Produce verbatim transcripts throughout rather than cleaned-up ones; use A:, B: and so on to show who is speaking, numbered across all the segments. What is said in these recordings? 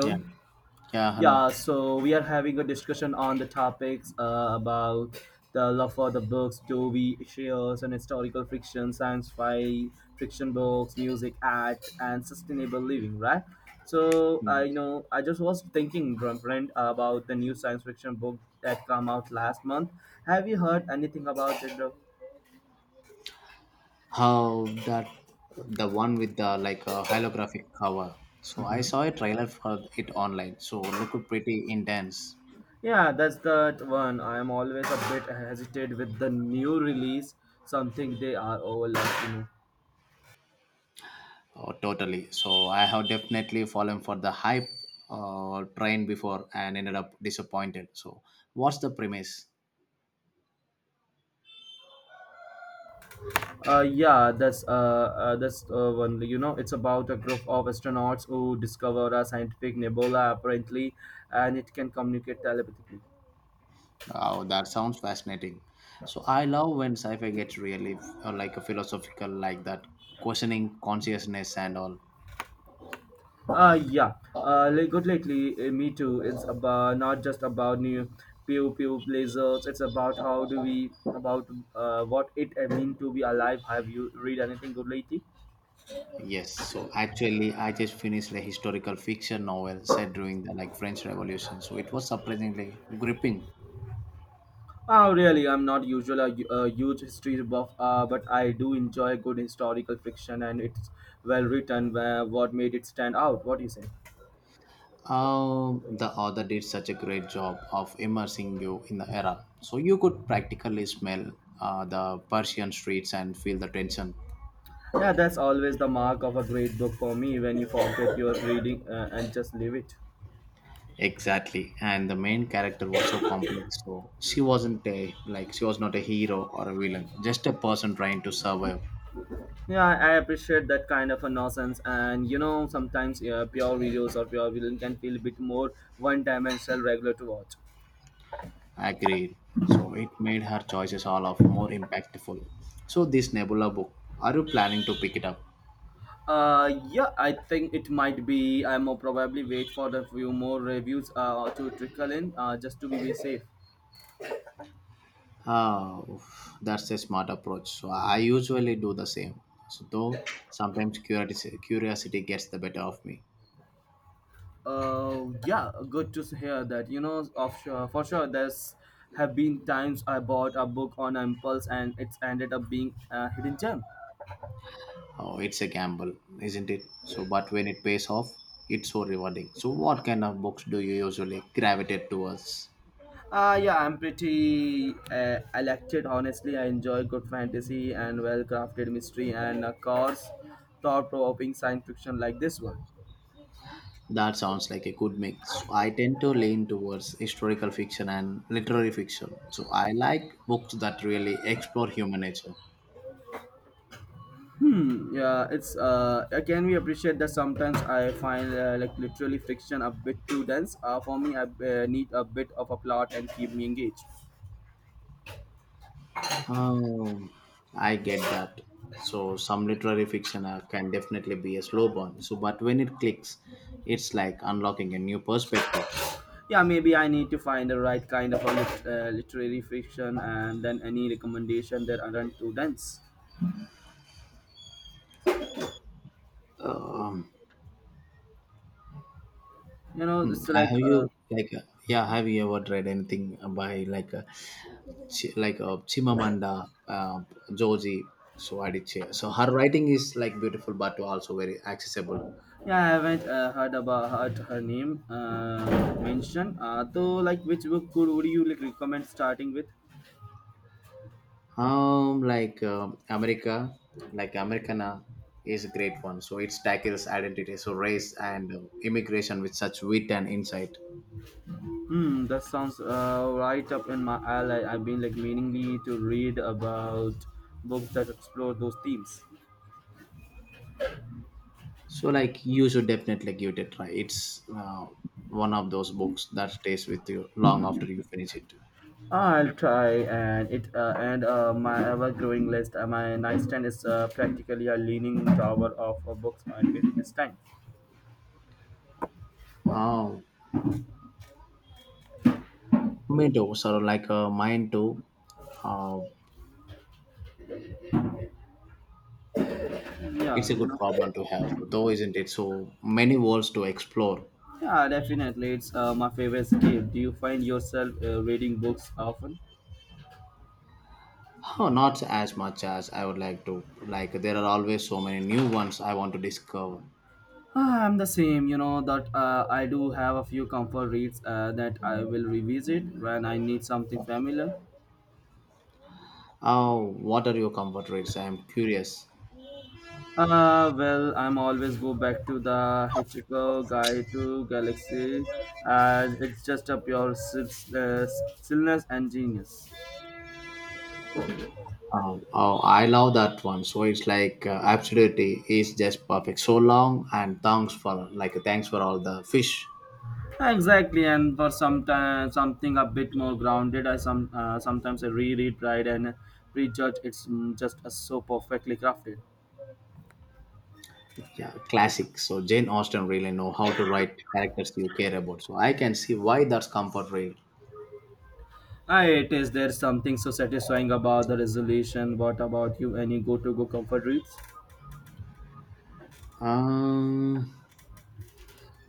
A: Yeah. Yeah. Hello.
B: Yeah, so we are having a discussion on the topics uh, about the love for the books, do we share and historical fiction, science fi fiction books, music, art, and sustainable living, right? So I you know I just was thinking, drum friend, about the new science fiction book that come out last month. Have you heard anything about it? Dhruv?
A: How that the one with the like a holographic cover. So I saw a trailer for it online. So looked pretty intense.
B: Yeah, that's that one. I am always a bit hesitant with the new release, something they are overlooking.
A: Oh, totally. So I have definitely fallen for the hype uh, train before and ended up disappointed. So what's the premise?
B: Uh, yeah, that's uh, uh that's uh, one. You know, it's about a group of astronauts who discover a scientific nebula apparently, and it can communicate telepathically.
A: Oh, that sounds fascinating. So I love when sci-fi gets really uh, like a philosophical like that, questioning consciousness and all.
B: Uh, yeah. Uh, like, good lately, uh, me too. It's about not just about new pew pew lasers. It's about how do we about uh, what it mean to be alive. Have you read anything good lately?
A: Yes, so actually, I just finished a historical fiction novel set during the like French Revolution. So it was surprisingly gripping.
B: Oh, really? I'm not usually a, a huge history buff, uh, but I do enjoy good historical fiction, and it's well written. Where, what made it stand out? What do you say?
A: Um, the author did such a great job of immersing you in the era, so you could practically smell uh, the Persian streets and feel the tension.
B: Yeah, that's always the mark of a great book for me when you forget your reading uh, and just leave it.
A: Exactly, and the main character was so complex. So she wasn't a like she was not a hero or a villain, just a person trying to survive.
B: Yeah, I appreciate that kind of a nonsense, and you know, sometimes uh, pure videos or pure villain can feel a bit more one-dimensional, regular to watch.
A: Agreed. So it made her choices all of more impactful. So this Nebula book, are you planning to pick it up?
B: Uh, yeah, I think it might be. I'm more probably wait for the few more reviews uh, to trickle in uh, just to be safe.
A: Oh, that's a smart approach. So I usually do the same. So though sometimes curiosity, curiosity gets the better of me.
B: Uh, yeah, good to hear that. You know, of sure, for sure, there's have been times I bought a book on impulse and it's ended up being a hidden gem.
A: Oh, it's a gamble, isn't it? So but when it pays off, it's so rewarding. So what kind of books do you usually gravitate towards?
B: Uh, yeah, I'm pretty uh, elected. Honestly, I enjoy good fantasy and well crafted mystery and of course thought provoking science fiction like this one.
A: That sounds like a good mix. So, I tend to lean towards historical fiction and literary fiction. So I like books that really explore human nature.
B: Yeah, it's uh again we appreciate that sometimes I find uh, like literally friction a bit too dense uh, for me I uh, need a bit of a plot and keep me engaged.
A: Oh, I get that. So some literary fiction uh, can definitely be a slow burn. So, but when it clicks, it's like unlocking a new perspective.
B: Yeah, maybe I need to find the right kind of a lit- uh, literary friction and then any recommendation that aren't too dense.
A: Um,
B: You know,
A: hmm,
B: it's like
A: have you
B: uh,
A: like uh, yeah? Have you ever read anything by like uh, Chi- like uh, Chimamanda uh, Joji Adichie. So her writing is like beautiful, but also very accessible.
B: yeah, I haven't uh, heard about heard her name uh, mentioned uh, so like which book could would you like recommend starting with?
A: Um, like um America, like Americana is a great one. So it tackles identity, so race and uh, immigration with such wit and insight.
B: Hmm, that sounds uh, right up in my alley. I've been like meaningly to read about books that explore those themes.
A: So like you should definitely give it a try. It's uh, one of those books that stays with you long after you finish it.
B: I'll try, and it uh, and uh, my ever-growing list. Uh, my nightstand is uh, practically a leaning tower of uh, books and this time.
A: Oh, me too. So like uh, mine too. Uh,
B: Yeah,
A: It's a
B: you
A: good
B: know.
A: problem to have, though, isn't it? So many worlds to explore.
B: Yeah, definitely, it's uh, my favorite escape. Do you find yourself uh, reading books often?
A: Oh, not as much as I would like to. Like, there are always so many new ones I want to discover.
B: Ah, I'm the same, you know, that uh, I do have a few comfort reads uh, that I will revisit when I need something familiar.
A: Oh, what are your comfort reads? I'm curious.
B: Uh, well, I'm always go back to the Hitchcock Guide to Galaxy, and it's just a pure sil- uh, stillness and genius.
A: Oh, oh, I love that one. So it's like uh, absolutely is just perfect. So long and thanks for like thanks for all the fish.
B: Exactly, and for some time, something a bit more grounded, I some uh, sometimes I reread Pride and Prejudge. It's mm, just uh, so perfectly crafted.
A: Yeah, classic. So Jane Austen really know how to write characters you care about. So I can see why that's comfort read.
B: Ah, it is. There's something so satisfying about the resolution. What about you? Any go-to-go comfort reads?
A: Um,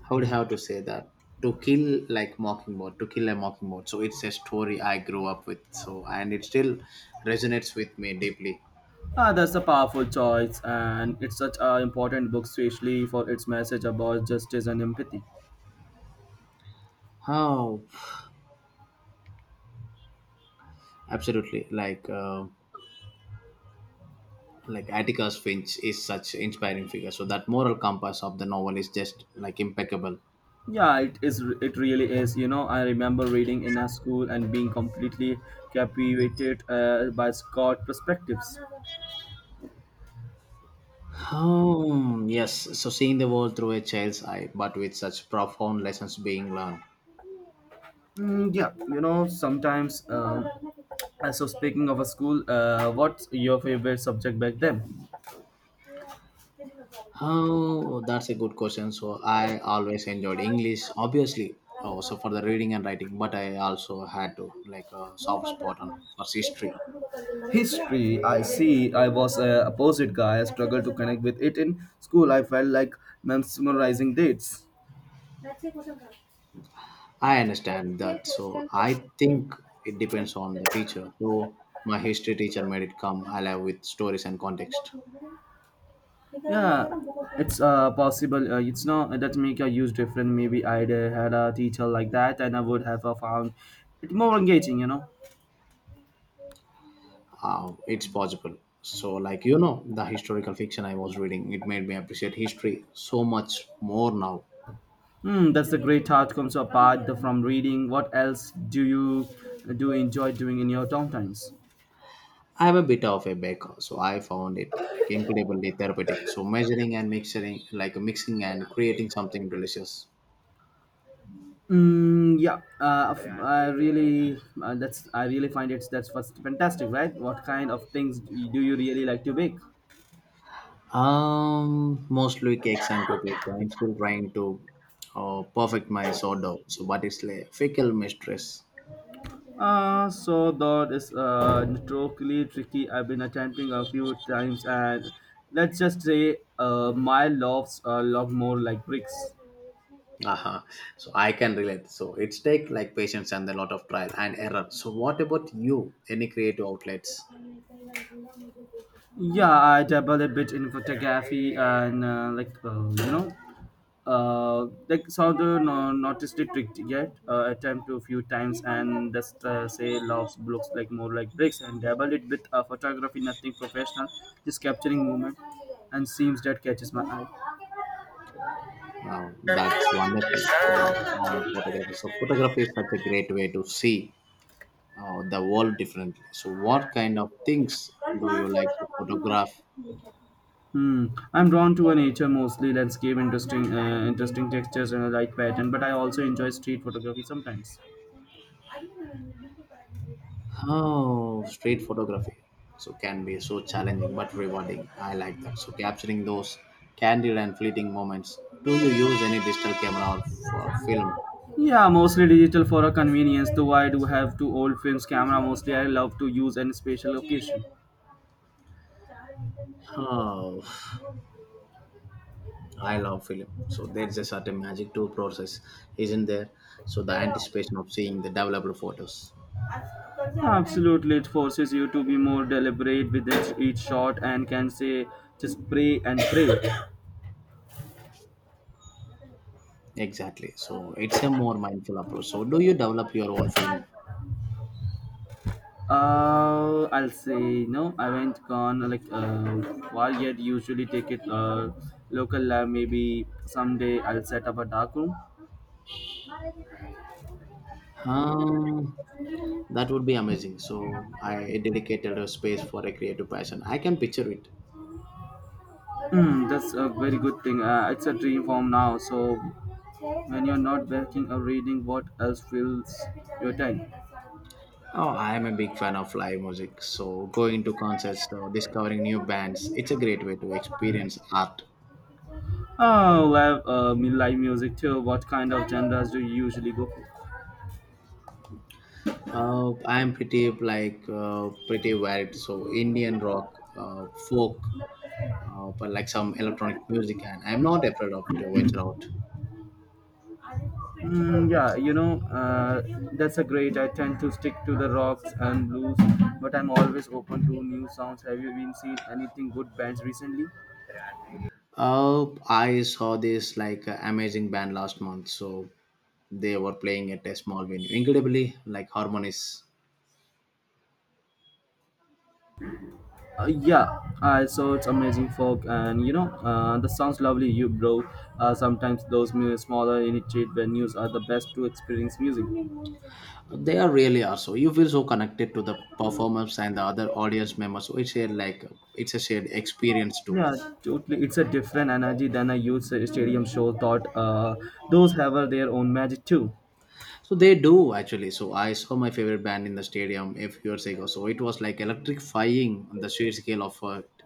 A: how would I have to say that? To kill like Mockingbird, to kill a Mockingbird. So it's a story I grew up with. So and it still resonates with me deeply.
B: Ah, that's a powerful choice, and it's such an important book, especially for its message about justice and empathy.
A: Oh, absolutely. Like uh, like Atticus Finch is such inspiring figure. So that moral compass of the novel is just like impeccable.
B: Yeah, it is. It really is. You know, I remember reading in a school and being completely captivated uh, by Scott perspectives.
A: Oh yes. So seeing the world through a child's eye, but with such profound lessons being learned.
B: Mm, yeah, you know, sometimes. Um, uh, so, speaking of a school, uh, what's your favorite subject back then?
A: Oh, that's a good question. So I always enjoyed English, obviously, also for the reading and writing. But I also had to like a soft spot on for history.
B: History, I see. I was a opposite guy. I struggled to connect with it in school. I felt like memorizing dates.
A: I understand that. So I think it depends on the teacher. So my history teacher made it come alive with stories and context.
B: Yeah, it's uh, possible. Uh, it's not that make a huge difference. Maybe I'd uh, had a teacher like that and I would have uh, found it more engaging, you know.
A: Uh, it's possible. So like you know, the historical fiction I was reading, it made me appreciate history so much more now.
B: Hmm, that's a great outcome. So apart from reading, what else do you do you enjoy doing in your downtimes?
A: I'm a bit of a baker, so I found it like incredibly therapeutic. So measuring and mixing, like mixing and creating something delicious.
B: Mm, yeah, uh, f- yeah. I really uh, that's I really find it's that's what's fantastic, right? What kind of things do you do you really like to bake?
A: Um, mostly cakes and cookies. So I'm still trying to uh, perfect my sourdough. So, but it's like fickle mistress.
B: Uh, so that is uh, notoriously tricky. I've been attempting a few times, and let's just say uh, my loves are a lot more like bricks.
A: Uh-huh. So I can relate. So it's take like patience and a lot of trial and error. So what about you? Any creative outlets?
B: Yeah, I dabble a bit in photography and uh, like uh, you know, uh, like saw the no, noticed it yet. Uh, attempt to a few times and just uh, say loves looks like more like bricks and dabble it with uh, photography, nothing professional, just capturing moment and seems that catches my eye.
A: Wow, that's wonderful. Like I like photography. So photography is such a great way to see uh, the world differently. So, what kind of things do you like to photograph?
B: Hmm. I'm drawn to a nature, mostly landscape, interesting, uh, interesting textures and a light pattern. But I also enjoy street photography sometimes.
A: Oh, street photography. So, can be so challenging but rewarding. I like that. So, capturing those candid and fleeting moments. Do you use any digital camera or for film?
B: Yeah, mostly digital for a convenience. Though I do have two old films camera. Mostly I love to use in special occasion.
A: Oh, I love film. So there's a certain magic to process, isn't there? So the anticipation of seeing the developed photos.
B: Absolutely, it forces you to be more deliberate with each, each shot and can say just pray and pray.
A: Exactly. So it's a more mindful approach. So do you develop your own film?
B: Uh, I'll say no. I went gone like uh, far yet. Usually take it uh, local lab. Maybe someday I'll set up a dark room.
A: Um, That would be amazing. So I dedicated a space for a creative passion. I can picture it.
B: Mm, that's a very good thing. Uh, it's a dream form now. So when you're not working or reading, what else fills your time?
A: Oh, I am a big fan of live music. So going to concerts, so discovering new bands, it's a great way to experience art.
B: Oh, well, uh, me live music too. What kind of genres do you usually go for?
A: Uh, I am pretty like uh, pretty varied. So Indian rock, uh, folk, uh, but like some electronic music, and I'm not afraid of to venture out.
B: Mm, yeah, you know, uh, that's a great. I tend to stick to the rocks and blues, but I'm always open to new sounds. Have you been seeing anything good bands recently?
A: Uh, I saw this like uh, amazing band last month. So they were playing at a small venue, incredibly like harmonies.
B: Uh, yeah, I saw it's amazing folk, and you know, uh, that sounds lovely, you bro. Uh, sometimes those mu- smaller initiate venues are the best to experience music.
A: They are really are so. You feel so connected to the performers and the other audience members. So it's a like it's a shared experience too.
B: Yeah, totally. It's a different energy than a huge stadium show. Thought uh, those have uh, their own magic too.
A: So they do actually. So I saw my favorite band in the stadium a few years ago. So it was like electrifying on the sheer scale of it.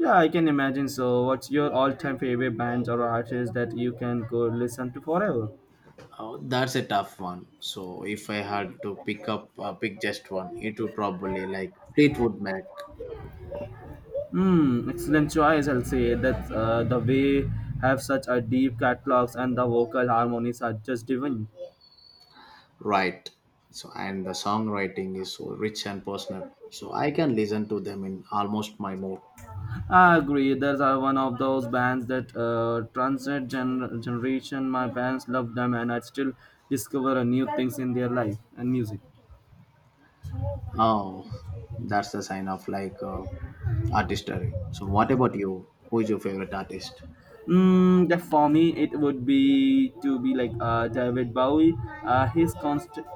B: Yeah, I can imagine. So, what's your all-time favorite bands or artists that you can go listen to forever?
A: Oh, that's a tough one. So if I had to pick up uh, pick just one, it would probably like Fleetwood Mac,
B: Hmm, excellent choice. I'll say that uh, the way have such a deep catalogs and the vocal harmonies are just divine.
A: right? So and the songwriting is so rich and personal. So I can listen to them in almost my mood.
B: I agree. Those are one of those bands that uh, transcend gen- generation. My parents love them, and I still discover uh, new things in their life and music.
A: Oh, that's the sign of like uh, artistry. So, what about you? Who is your favorite artist?
B: Mm, the- for me, it would be to be like uh, David Bowie. Uh, his constant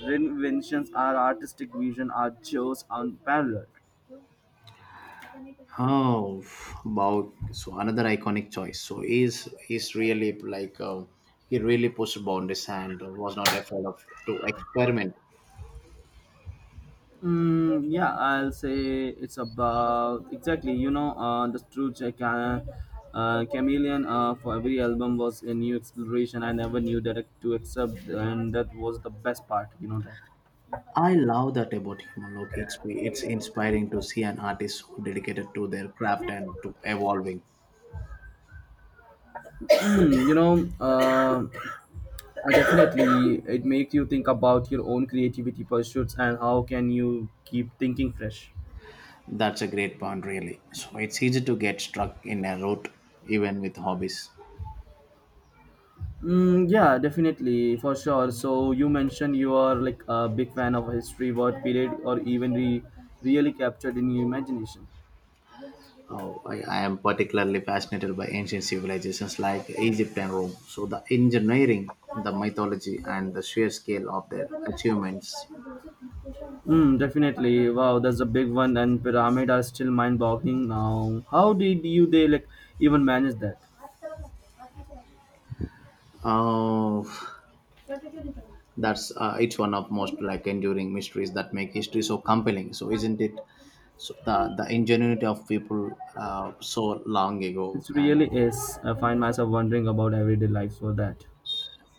B: reinventions are artistic vision are just unparalleled.
A: Oh, wow. So another iconic choice. So he's he's really like uh, he really pushed boundaries and was not afraid of to experiment.
B: Mm, yeah, I'll say it's about exactly. You know, uh, the true check. Uh, uh, chameleon uh, for every album was a new exploration. I never knew that to accept and that was the best part, you know that.
A: I love that about him. Look, it's it's inspiring to see an artist who dedicated to their craft and to evolving.
B: you know uh, Uh, definitely, it makes you think about your own creativity pursuits and how can you keep thinking fresh.
A: That's a great point, really. So it's easy to get stuck in a rut even with hobbies.
B: Mm, yeah, definitely, for sure. So you mentioned you are like a big fan of history, what period, or even re- really captured in your imagination.
A: Oh, I, I am particularly fascinated by ancient civilizations like Egypt and Rome. So, the engineering, the mythology, and the sheer scale of their achievements.
B: Mm, definitely. Wow, that's a big one. And pyramid are still mind-boggling now. How did you they like even manage that?
A: Oh, that's uh, it's one of most like enduring mysteries that make history so compelling. So, isn't it? So the the ingenuity of people uh, so long
B: It
A: ago and
B: really is. I find myself wondering about everyday life for that.